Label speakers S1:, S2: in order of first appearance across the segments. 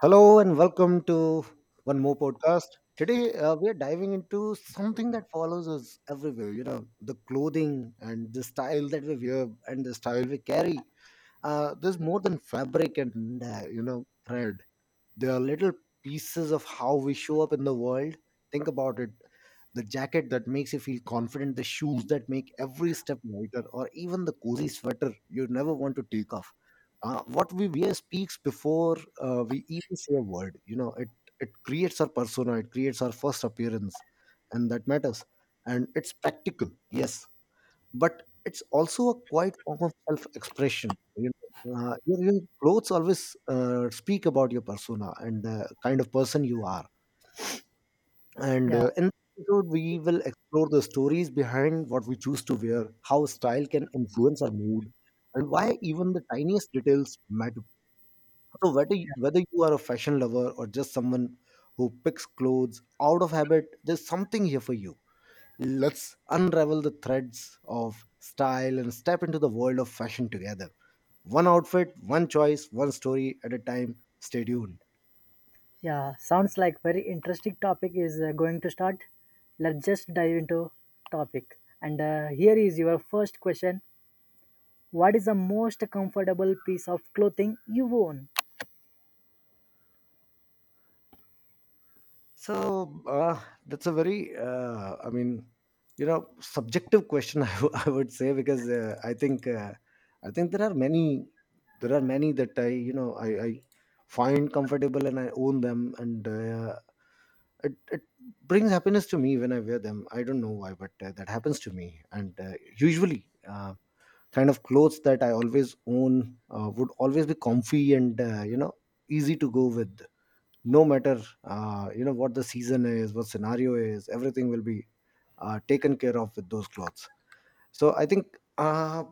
S1: Hello and welcome to one more podcast. Today we are diving into something that follows us everywhere. You know, the clothing and the style that we wear and the style we carry. There's more than fabric and you know thread. There are little pieces of how we show up in the world. Think about it. The jacket that makes you feel confident, the shoes that make every step lighter, or even the cozy sweater you never want to take off. What we wear speaks before we even say a word. It creates our persona, it creates our first appearance, and that matters. And it's practical, yes, but it's also a quiet form of self-expression. Your clothes always speak about your persona and the kind of person you are. And
S2: Yeah,
S1: in this episode, we will explore the stories behind what we choose to wear, how style can influence our mood, and why even the tiniest details matter. So
S2: yeah,
S1: whether you are a fashion lover or just someone who picks clothes out of habit, there's something here for you. Let's unravel the threads of style and step into the world of fashion together. One outfit, one choice, one story at a time. Stay tuned.
S2: yeah. Sounds like very interesting topic is going to start. Let's just dive into topic. And Here is your first question. What is the most comfortable piece of clothing you own?
S1: So that's a very, subjective question. I would say, because I think there are many that I, you know, I find comfortable and I own them, and it brings happiness to me when I wear them. I don't know why, but that happens to me. And usually kind of clothes that I always own would always be comfy and you know easy to go with, no matter you know what the season is, what scenario is. Everything will be taken care of with those clothes. So I think uh,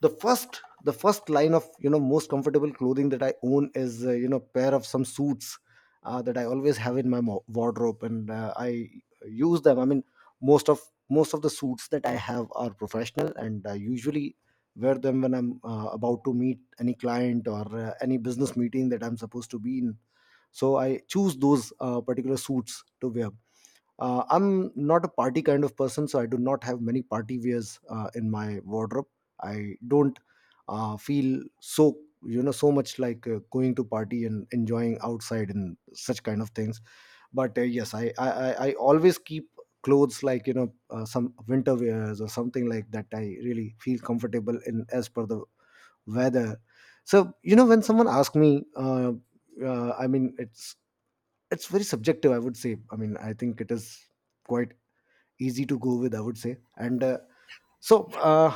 S1: the first the first line of you know most comfortable clothing that I own is you know pair of some suits that I always have in wardrobe, and I use them. I mean, most of most of the suits that I have are professional, and I usually wear them when I'm about to meet any client or any business meeting that I'm supposed to be in. So I choose those particular suits to wear. I'm not a party kind of person, so I do not have many party wears in my wardrobe. I don't feel so you know so much like going to party and enjoying outside and such kind of things. But yes, I always keep clothes like you know some winter wears or something like that I really feel comfortable in as per the weather. So you know when someone asks me, I mean it's very subjective, I would say. I mean, I think it is quite easy to go with, I would say. And so uh,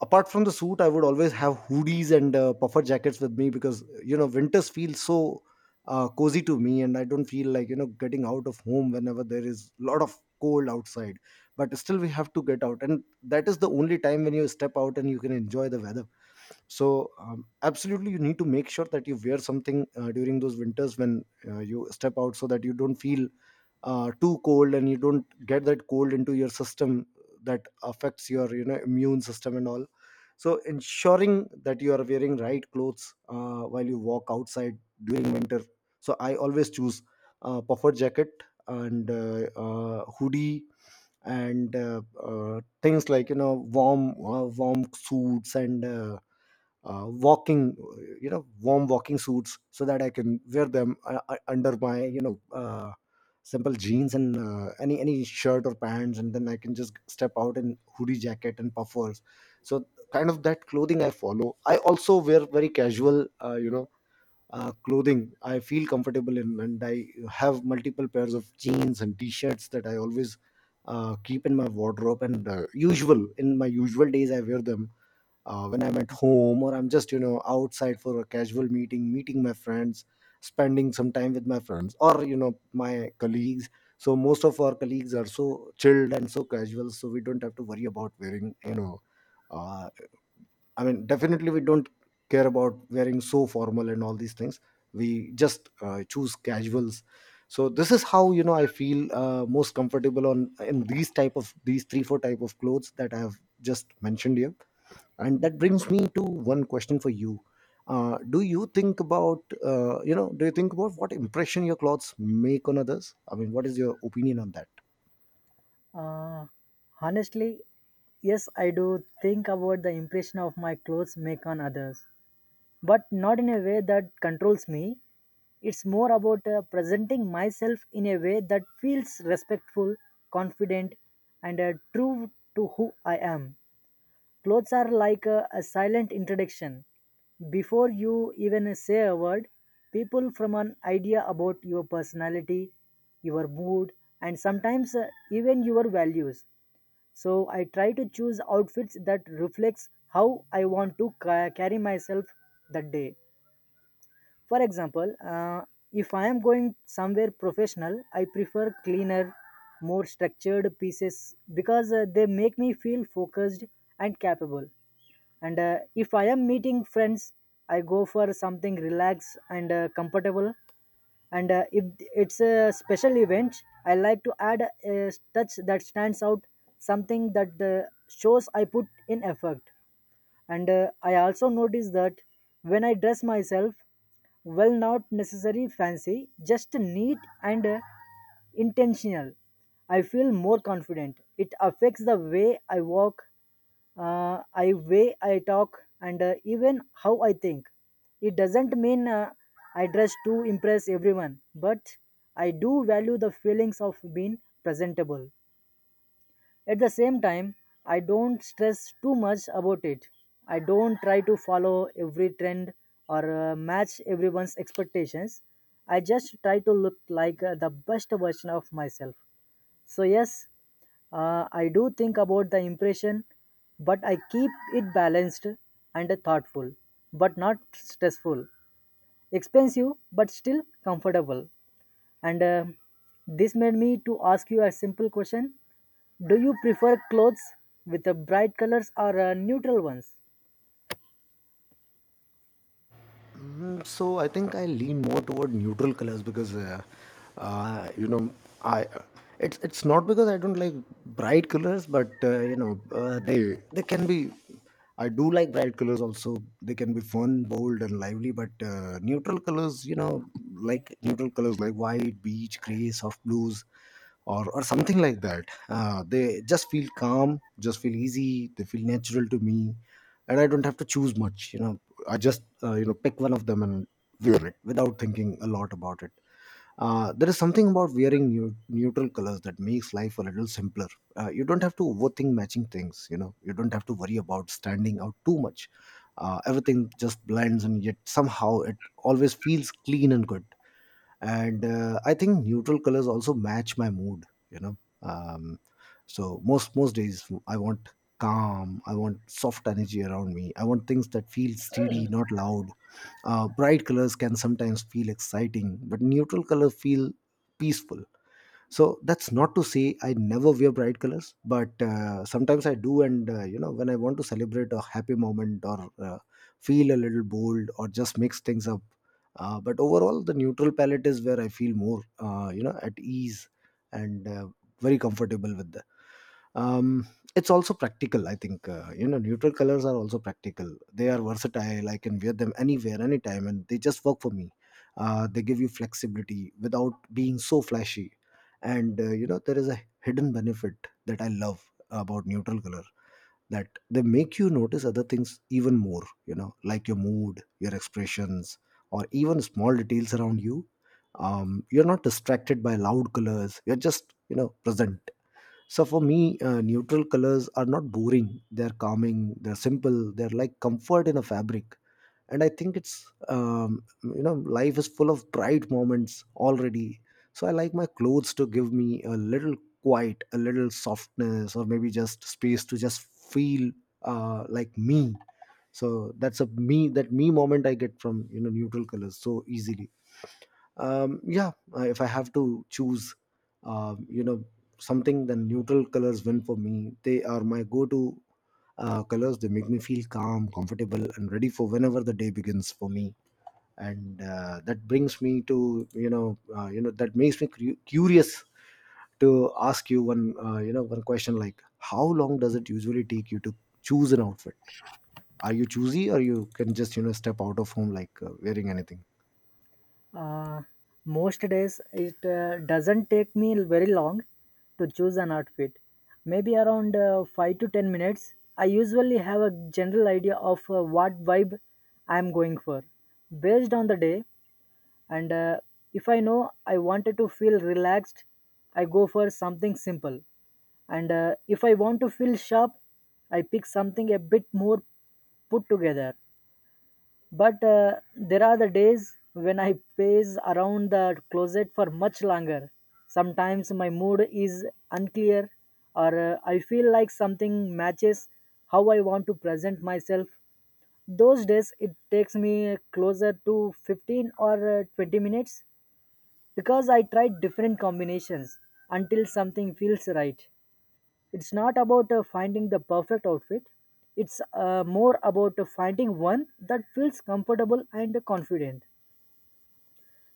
S1: apart from the suit, I would always have hoodies and puffer jackets with me, because you know winters feel so cozy to me, and I don't feel like you know getting out of home whenever there is a lot of cold outside. But still, we have to get out, and that is the only time when you step out and you can enjoy the weather. So absolutely, you need to make sure that you wear something during those winters when you step out, so that you don't feel too cold and you don't get that cold into your system that affects your you know immune system and all. So ensuring that you are wearing right clothes while you walk outside during winter. So I always choose a puffer jacket and hoodie, and things like you know warm suits and walking, you know, warm walking suits, so that I can wear them under my you know simple jeans and any shirt or pants, and then I can just step out in hoodie jacket and puffers. So kind of that clothing I follow. I also wear very casual you know clothing I feel comfortable in, and I have multiple pairs of jeans and t-shirts that I always keep in my wardrobe, and usual in my usual days I wear them when I'm at home or I'm just you know outside for a casual meeting, meeting my friends, spending some time with my friends or you know my colleagues. So most of our colleagues are so chilled and so casual, so we don't have to worry about wearing you know uh, I mean definitely we don't care about wearing so formal and all these things. We just choose casuals. So this is how you know I feel most comfortable on, in these type of these three four type of clothes that I have just mentioned here. And that brings me to one question for you. Do you think about what impression your clothes make on others? I mean, what is your opinion on that?
S2: Uh, honestly, yes, I do think about the impression of my clothes make on others, but not in a way that controls me. It's more about presenting myself in a way that feels respectful, confident, and true to who I am. Clothes are like a silent introduction. Before you even say a word, people form an idea about your personality, your mood, and sometimes even your values. So I try to choose outfits that reflects how I want to carry myself that day. For example, if I am going somewhere professional, I prefer cleaner, more structured pieces because they make me feel focused and capable. And if I am meeting friends, I go for something relaxed and comfortable. And if it's a special event, I like to add a touch that stands out, something that shows I put in effort. And I also notice that when I dress myself well, not necessary fancy, just neat and intentional, I feel more confident. It affects the way I walk, I way I talk, and even how I think. It doesn't mean I dress to impress everyone, but I do value the feelings of being presentable. At the same time, I don't stress too much about it. I don't try to follow every trend or match everyone's expectations. I just try to look like the best version of myself. So, yes, I do think about the impression, but I keep it balanced and thoughtful, but not stressful. Expensive, but still comfortable. And This made me to ask you a simple question: do you prefer clothes with bright colors or neutral ones?
S1: Mm, so I think I lean more toward neutral colors, because you know, I— it's not because I don't like bright colors, but you know they can be. I do like bright colors also. They can be fun, bold, and lively. But neutral colors, you know, like neutral colors like white, beige, gray, soft blues, or something like that. They just feel calm, just feel easy. They feel natural to me, and I don't have to choose much. You know, I just you know pick one of them and wear it without thinking a lot about it. There is something about wearing new, neutral colors that makes life a little simpler. You don't have to overthink matching things. You know, you don't have to worry about standing out too much. Everything just blends, and yet somehow it always feels clean and good. And I think neutral colors also match my mood. You know, um, so most days I want calm. I want soft energy around me. I want things that feel steady, not loud. Bright colors can sometimes feel exciting, but neutral colors feel peaceful. So that's not to say I never wear bright colors, but sometimes I do. And you know, when I want to celebrate a happy moment, or feel a little bold, or just mix things up. But overall, the neutral palette is where I feel more, you know, at ease and very comfortable with that. um it's also practical, I think. You know, neutral colors are also practical, they are versatile, I can wear them anywhere, anytime, and they just work for me. They give you flexibility without being so flashy. And you know, there is a hidden benefit that I love about neutral color, that they make you notice other things even more, you know, like your mood, your expressions, or even small details around you. You're not distracted by loud colors, you're just you know present. So for me, neutral colors are not boring. They're calming. They're simple. They're like comfort in a fabric. And I think it's you know, life is full of bright moments already. So I like my clothes to give me a little quiet, a little softness, or maybe just space to just feel like me. So that's a me, that me moment I get from you know neutral colors so easily. Yeah, if I have to choose you know something, then neutral colors win for me. They are my go-to colors. They make me feel calm, comfortable, and ready for whenever the day begins for me. And that brings me to you know that makes me curious to ask you one one question, like, how long does it usually take you to choose an outfit? Are you choosy, or you can just you know step out of home like wearing anything?
S2: Uh, Most days, it doesn't take me very long to choose an outfit. Maybe around 5 to 10 minutes. I usually have a general idea of what vibe I'm going for based on the day. And if I know I wanted to feel relaxed, I go for something simple. And if I want to feel sharp, I pick something a bit more put together. But there are the days when I pace around the closet for much longer. Sometimes my mood is unclear, or I feel like something matches how I want to present myself. Those days it takes me closer to 15 or 20 minutes because I try different combinations until something feels right. It's not about finding the perfect outfit, it's more about finding one that feels comfortable and confident.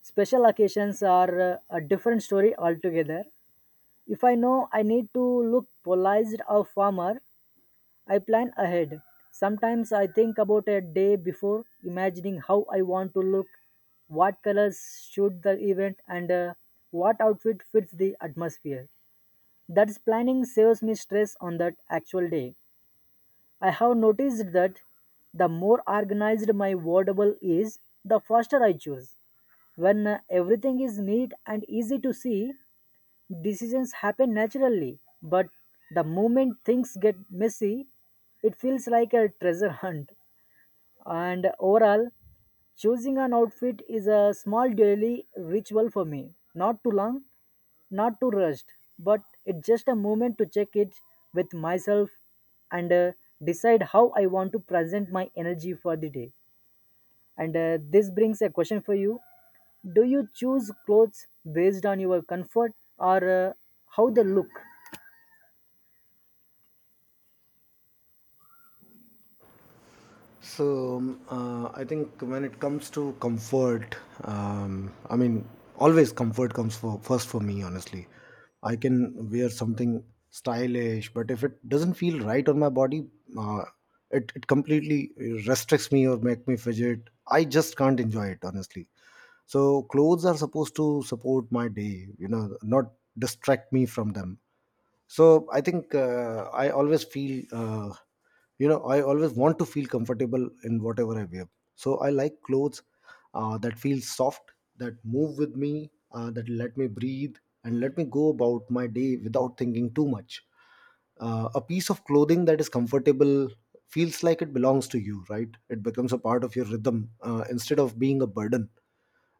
S2: Special occasions are a different story altogether. If I know I need to look polished or formal, I plan ahead. Sometimes I think about a day before, imagining how I want to look, what colors should the event, and what outfit fits the atmosphere. That's planning saves me stress on that actual day. I have noticed that the more organized my wardrobe is, the faster I choose. When everything is neat and easy to see, decisions happen naturally. But the moment things get messy, it feels like a treasure hunt. And overall, choosing an outfit is a small daily ritual for me. Not too long, not too rushed, but it's just a moment to check it with myself and decide how I want to present my energy for the day. And this brings a question for you. Do you choose clothes based on your comfort or how they look?
S1: So I think when it comes to comfort, um, I mean, always comfort comes for first for me. Honestly, I can wear something stylish, but if it doesn't feel right on my body, uh, it completely restricts me or make me fidget. I just can't enjoy it, honestly. So clothes are supposed to support my day, you know, not distract me from them. So I think I always feel I always want to feel comfortable in whatever I wear. So I like clothes that feel soft, that move with me, that let me breathe and let me go about my day without thinking too much. Uh, a piece of clothing that is comfortable feels like it belongs to you, right? It becomes a part of your rhythm instead of being a burden.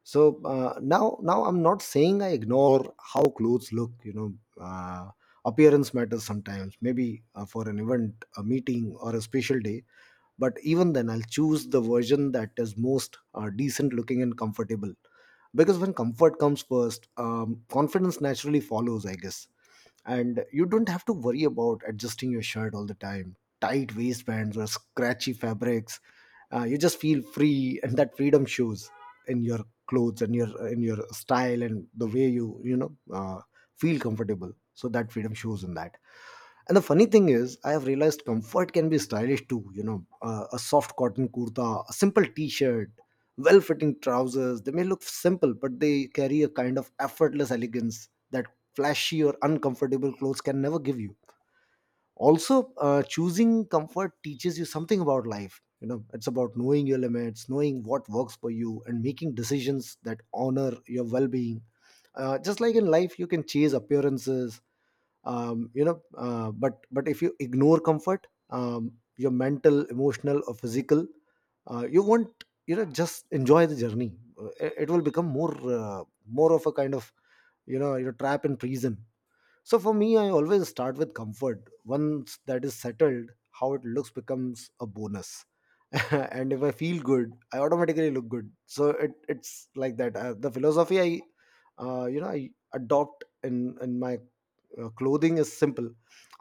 S1: so Now, I'm not saying I ignore how clothes look uh, Appearance matters sometimes, maybe for an event, a meeting, or a special day. But even then, I'll choose the version that is most decent looking and comfortable. Because when comfort comes first, confidence naturally follows, I guess. And you don't have to worry about adjusting your shirt all the time, tight waistbands, or scratchy fabrics. You just feel free, and that freedom shows in your clothes and your in your style and the way you you know feel comfortable. So that freedom shows in that. And the funny thing is, I have realized comfort can be stylish too. You know, a soft cotton kurta, a simple t-shirt, well-fitting trousers. They may look simple, but they carry a kind of effortless elegance that flashy or uncomfortable clothes can never give you. Also, choosing comfort teaches you something about life. You know, it's about knowing your limits, knowing what works for you, and making decisions that honor your well-being. Just like in life, you can chase appearances, but if you ignore comfort, your mental, emotional, or physical, you won't just enjoy the journey. It will become more, uh, more of a kind of, you know, your trap trapped in prison. So for me, I always start with comfort. Once that is settled, how it looks becomes a bonus. And if I feel good, I automatically look good. So it's like that. Uh, the philosophy I uh, you know i adopt in in my clothing is simple.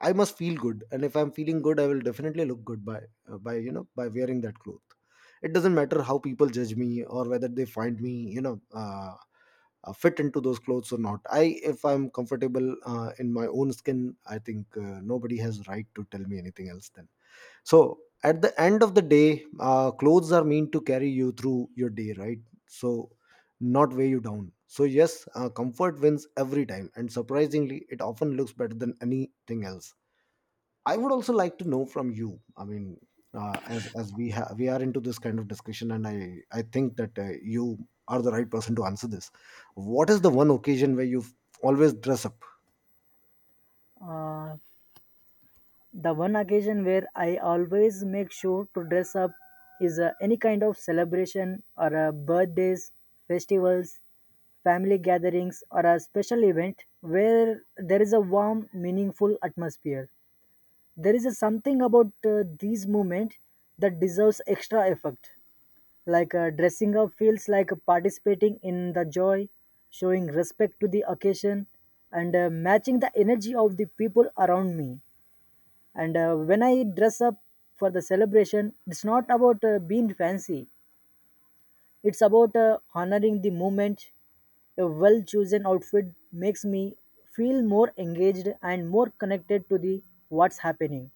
S1: I must feel good, and if I'm feeling good, I will definitely look good by by wearing that cloth. It doesn't matter how people judge me or whether they find me fit into those clothes or not. I If I'm comfortable in my own skin, I think nobody has right to tell me anything else then. So at the end of the day, clothes are meant to carry you through your day, right? So not weigh you down. So yes, comfort wins every time, and surprisingly, it often looks better than anything else. I would also like to know from you. I mean, we are into this kind of discussion, and I think that you are the right person to answer this. What is the one occasion where you always dress up?
S2: Uh, The one occasion where I always make sure to dress up is any kind of celebration or birthdays, festivals, family gatherings, or a special event where there is a warm, meaningful atmosphere. There is a something about these moments that deserves extra effort. Like dressing up feels like participating in the joy, showing respect to the occasion, and matching the energy of the people around me. And when I dress up for the celebration, it's not about being fancy, it's about honoring the moment. A well chosen outfit makes me feel more engaged and more connected to the what's happening.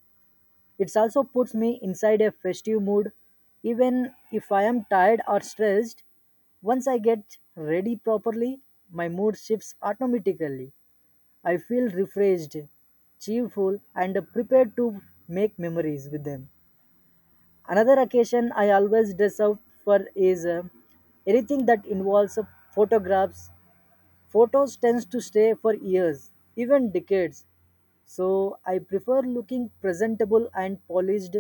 S2: It also puts me inside a festive mood. Even if I am tired or stressed, once I get ready properly, my mood shifts automatically. I feel refreshed, cheerful, and prepared to make memories with them. Another occasion I always dress up for is anything that involves photographs. Photos tends to stay for years, even decades. So I prefer looking presentable and polished.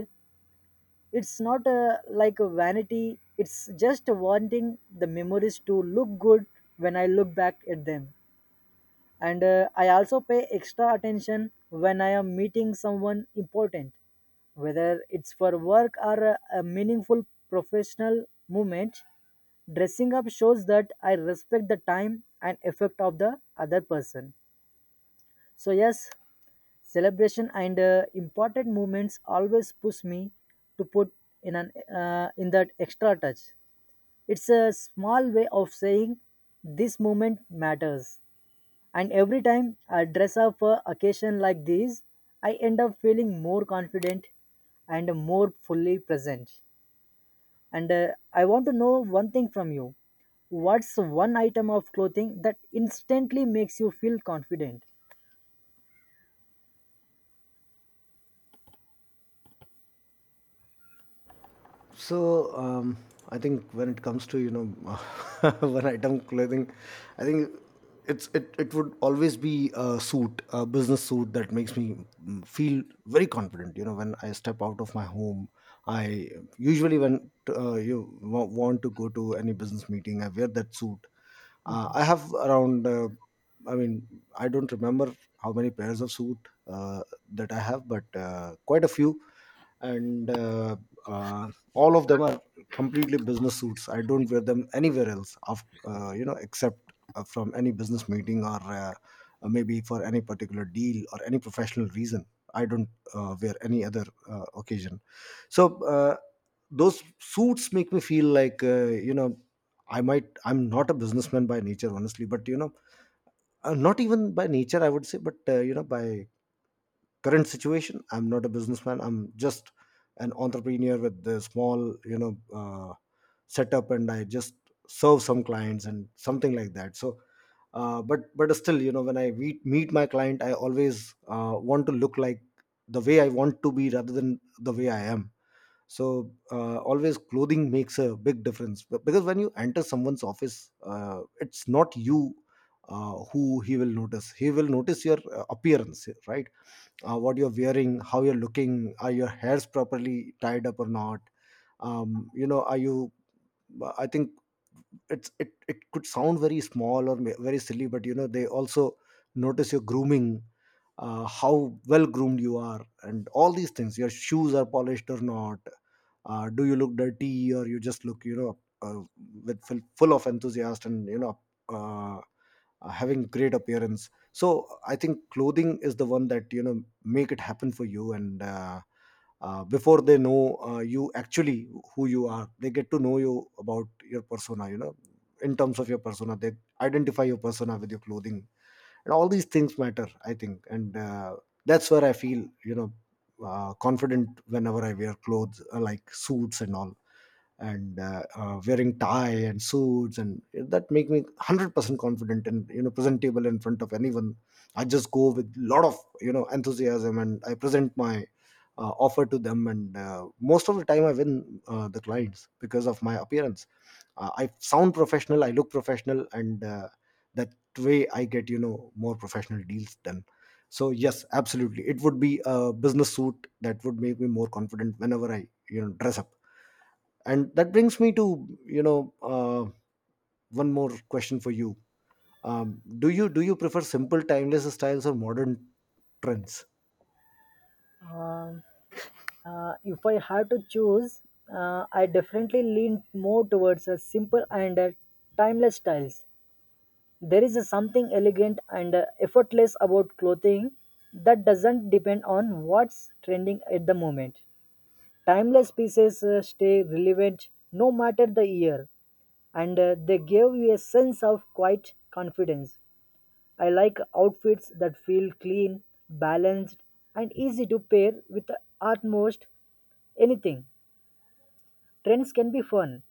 S2: It's not like a vanity, it's just wanting the memories to look good when I look back at them. And I also pay extra attention when I am meeting someone important, whether it's for work or a meaningful professional movement. Dressing up shows that I respect the time and effort of the other person. So yes, celebration and important moments always push me to put in an in that extra touch. It's a small way of saying this moment matters, and every time I dress up for occasion like these, I end up feeling more confident and more fully present. And I want to know one thing from you. What's one item of clothing that instantly makes you feel confident?
S1: So I think when it comes to, you know, one item clothing, I think it would always be a suit, a business suit that makes me, mm, feel very confident. You know, when I step out of my home, I usually when you want to go to any business meeting, I wear that suit. I have around, I mean, I don't remember how many pairs of suit uh, that I have, but quite a few, and all of them are completely business suits. I don't wear them anywhere else, of, you know, except from any business meeting or maybe for any particular deal or any professional reason. I don't wear any other occasion. So uh, those suits make me feel like, you know. I'm not a businessman by nature, honestly, but you know, not even by nature I would say, but you know, by current situation, I'm not a businessman. I'm just an entrepreneur with a small, setup, and I just serve some clients and something like that. So. But still, you know, when I meet my client, I always want to look like the way I want to be rather than the way I am. So always clothing makes a big difference. Be- because when you enter someone's office, it's not you who he will notice. He will notice your appearance, right? What you're wearing, how you're looking, are your hairs properly tied up or not, are you. I think it could sound very small or very silly, but you know, they also notice your grooming, how well groomed you are, and all these things, your shoes are polished or not, do you look dirty or you just look, with full of enthusiasm, and you know, uh, having great appearance. So I think clothing is the one that, you know, make it happen for you. And before they know you actually who you are, they get to know you about your persona, you know. In terms of your persona, they identify your persona with your clothing, and all these things matter, I think. And that's where I feel, you know, confident whenever I wear clothes like suits and all. And wearing tie and suits and that make me 100% confident and you know presentable in front of anyone. I just go with lot of, you know, enthusiasm, and I present my offer to them. And most of the time I win the clients because of my appearance. I sound professional, I look professional, and that way I get, you know, more professional deals done. So yes, absolutely, it would be a business suit that would make me more confident whenever I, you know, dress up. And that brings me to, you know uh, one more question for you. Do you prefer simple timeless styles or modern trends?
S2: Um, if I had to choose, I definitely lean more towards a simple and timeless styles. There is a something elegant and effortless about clothing that doesn't depend on what's trending at the moment. Timeless pieces stay relevant no matter the year, and they give you a sense of quiet confidence. I like outfits that feel clean, balanced, and easy to pair with almost anything. Trends can be fun.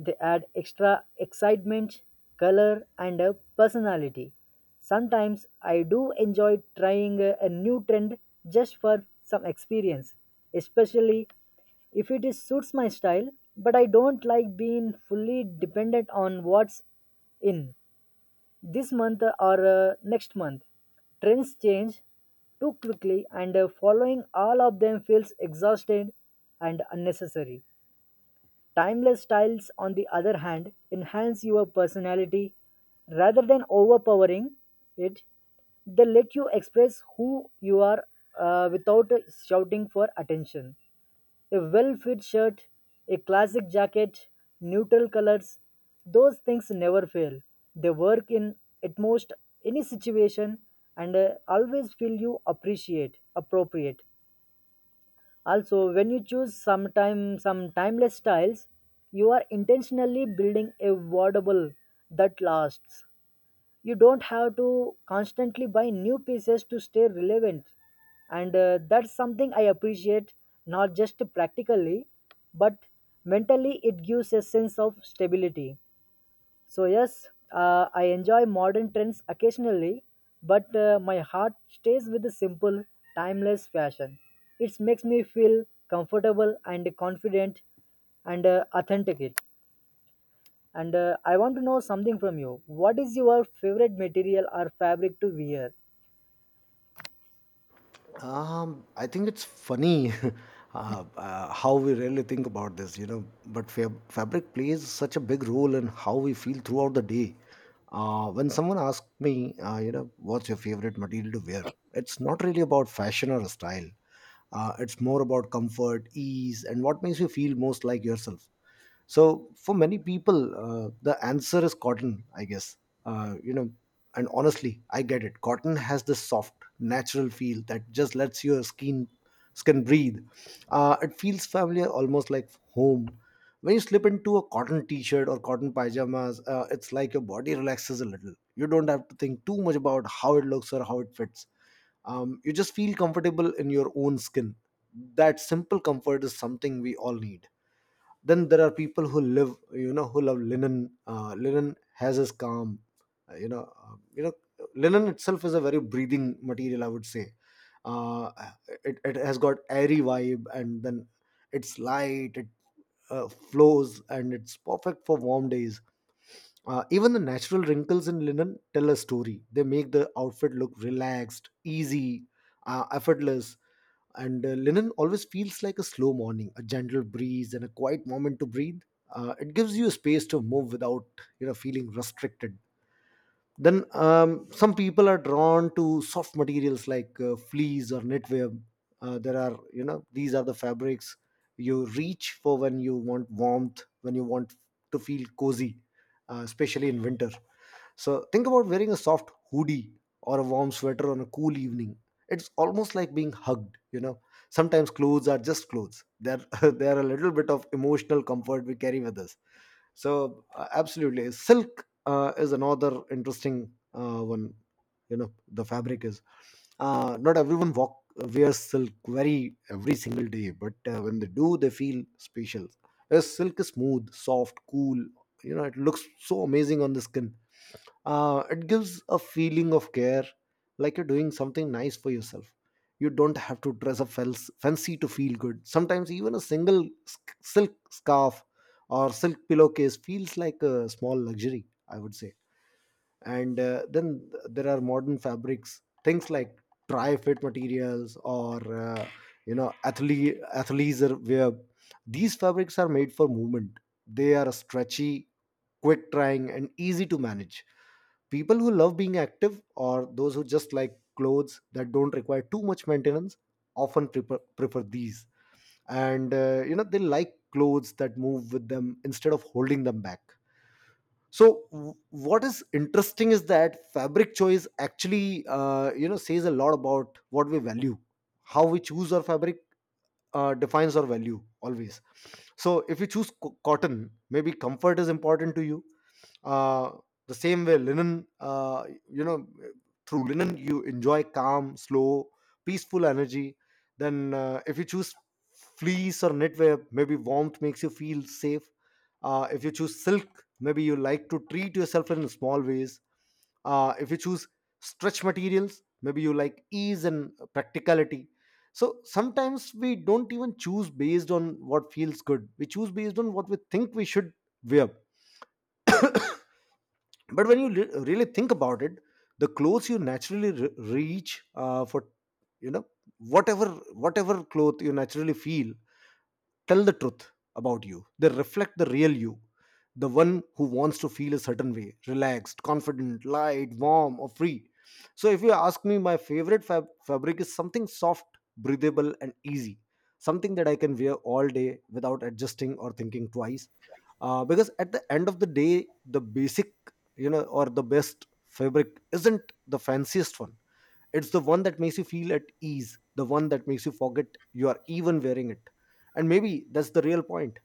S2: They add extra excitement, color, and a personality. Sometimes I do enjoy trying a new trend just for some experience, especially if it is, suits my style, but I don't like being fully dependent on what's in this month or next month. Trends change too quickly, and following all of them feels exhausted and unnecessary. Timeless styles, on the other hand, enhance your personality rather than overpowering it. They let you express who you are without shouting for attention. A well fit shirt, a classic jacket, neutral colors, those things never fail. They work in at most any situation and always feel you appreciate appropriate. Also, when you choose sometime some timeless styles, you are intentionally building a wardrobe that lasts. You don't have to constantly buy new pieces to stay relevant, and that's something I appreciate not just practically, but mentally. It gives a sense of stability. So, yes, I enjoy modern trends occasionally, but my heart stays with the simple, timeless fashion. It makes me feel comfortable and confident and authentic. It. And I want to know something from you. What is your favorite material or fabric to wear?
S1: Um, I think it's funny. uh, how we really think about this, you know. But fabric plays such a big role in how we feel throughout the day. When someone asks me, you know, what's your favorite material to wear? It's not really about fashion or style. It's more about comfort, ease, and what makes you feel most like yourself. So for many people, the answer is cotton, I guess. Uh, you know, and honestly, I get it. Cotton has this soft, natural feel that just lets your skin breathe. It feels familiar, almost like home. When you slip into a cotton t-shirt or cotton pajamas, it's like your body relaxes a little. You don't have to think too much about how it looks or how it fits. You just feel comfortable in your own skin. That simple comfort is something we all need. Then there are people who live you know who love linen. Linen has its calm, uh, you know uh, you know linen itself is a very breathing material, I would say. Uh, it, it has got airy vibe, and then it's light. It flows, and it's perfect for warm days. Even the natural wrinkles in linen tell a story. They make the outfit look relaxed, easy, effortless. And linen always feels like a slow morning, a gentle breeze, and a quiet moment to breathe. It gives you space to move without feeling restricted. Then some people are drawn to soft materials like fleece or knitwear. There are you know These are the fabrics you reach for when you want warmth, when you want to feel cozy, especially in winter. So think about wearing a soft hoodie or a warm sweater on a cool evening. It's almost like being hugged, you know. Sometimes clothes are just clothes. They're they're a little bit of emotional comfort we carry with us. So absolutely, silk is another interesting one. You know, the fabric is not everyone walk wears silk very every single day, but when they do, they feel special. Yes, silk is smooth, soft, cool. You know, it looks so amazing on the skin. It gives a feeling of care, like you're doing something nice for yourself. You don't have to dress up fancy to feel good. Sometimes even a single silk scarf or silk pillowcase feels like a small luxury, I would say. And then there are modern fabrics, things like tri fit materials or athlete athleisure wear. These fabrics are made for movement. They are stretchy, quick drying, and easy to manage. People who love being active or those who just like clothes that don't require too much maintenance often prefer these. And you know, they like clothes that move with them instead of holding them back. So what is interesting is that fabric choice actually, says a lot about what we value. How we choose our fabric defines our value always. So if you choose cotton, maybe comfort is important to you. uh, the same way, linen, you know, through linen, you enjoy calm, slow, peaceful energy. Then, if you choose fleece or knitwear, maybe warmth makes you feel safe. If you choose silk, maybe you like to treat yourself in small ways. If you choose stretch materials, maybe you like ease and practicality. So sometimes we don't even choose based on what feels good. We choose based on what we think we should wear. But when you really think about it, the clothes you naturally reach for, you know whatever whatever cloth you naturally feel tell the truth about you. They reflect the real you, the one who wants to feel a certain way, relaxed, confident, light, warm, or free. So if you ask me, my favorite fabric is something soft, breathable, and easy, something that I can wear all day without adjusting or thinking twice. Because at the end of the day, the basic you know or the best fabric isn't the fanciest one. It's the one that makes you feel at ease, the one that makes you forget you are even wearing it. And maybe that's the real point.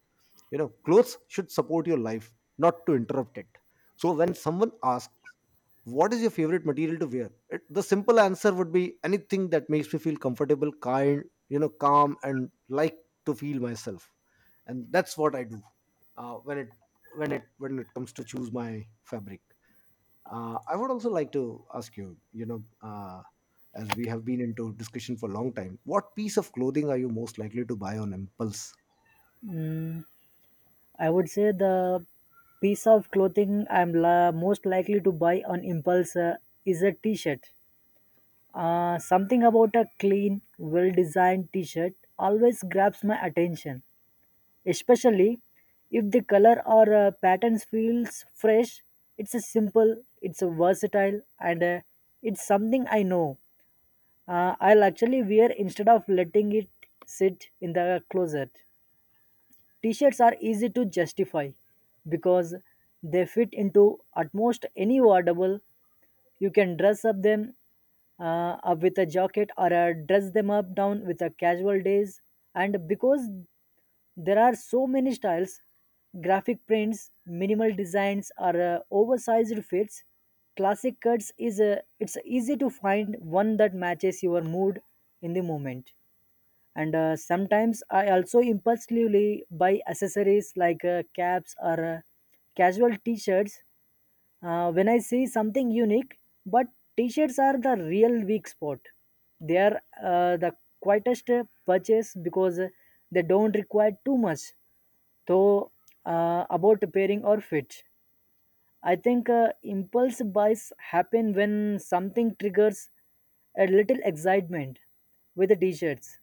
S1: You know, clothes should support your life, not to interrupt it. So when someone asks, what is your favorite material to wear, it, the simple answer would be anything that makes me feel comfortable, kind, you know, calm, and like to feel myself. And that's what I do uh, when it when it comes to choose my fabric. I would also like to ask you, you know as we have been into discussion for a long time, what piece of clothing are you most likely to buy on impulse?
S2: Mm, I would say the piece of clothing I'm most likely to buy on impulse is a t shirt. Something about a clean, well designed t shirt always grabs my attention, especially if the color or patterns feels fresh. It's a simple, it's a versatile, and it's something I know. I'll actually wear instead of letting it sit in the closet. T shirts are easy to justify because they fit into almost any wardrobe. You can dress up them up with a jacket or dress them up down with a casual days. And because there are so many styles, graphic prints, minimal designs, or oversized fits, classic cuts is it's easy to find one that matches your mood in the moment. And sometimes I also impulsively buy accessories like caps or casual t-shirts when I see something unique, but t-shirts are the real weak spot. They are the quietest purchase because they don't require too much. So about pairing or fit, I think impulse buys happen when something triggers a little excitement with the t-shirts.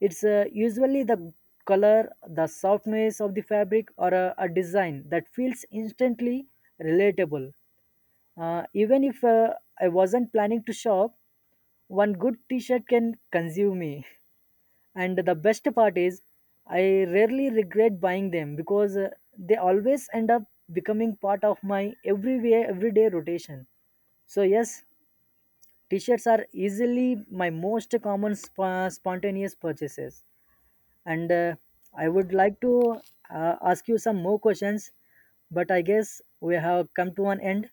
S2: It's usually the color, the softness of the fabric, or a design that feels instantly relatable, even if I wasn't planning to shop, one good t shirt can consume me. And the best part is, I rarely regret buying them because they always end up becoming part of my everywhere, everyday rotation. So, yes, t shirts are easily my most common spontaneous purchases. And I would like to ask you some more questions, but I guess we have come to an end.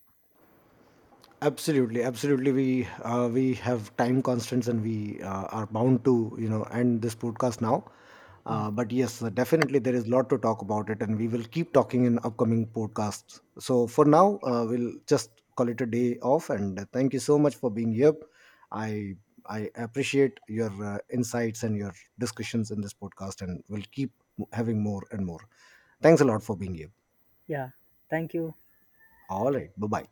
S1: Absolutely, absolutely, we have time constraints, and we are bound to, you know, end this podcast now.
S2: Mm.
S1: But yes, definitely there is a lot to talk about it, and we will keep talking in upcoming podcasts. So for now, we'll just call it a day off, and thank you so much for being here. I i appreciate your insights and your discussions in this podcast, and we'll keep having more and more. Thanks a lot for being here.
S2: Yeah, thank you.
S1: All right, bye bye.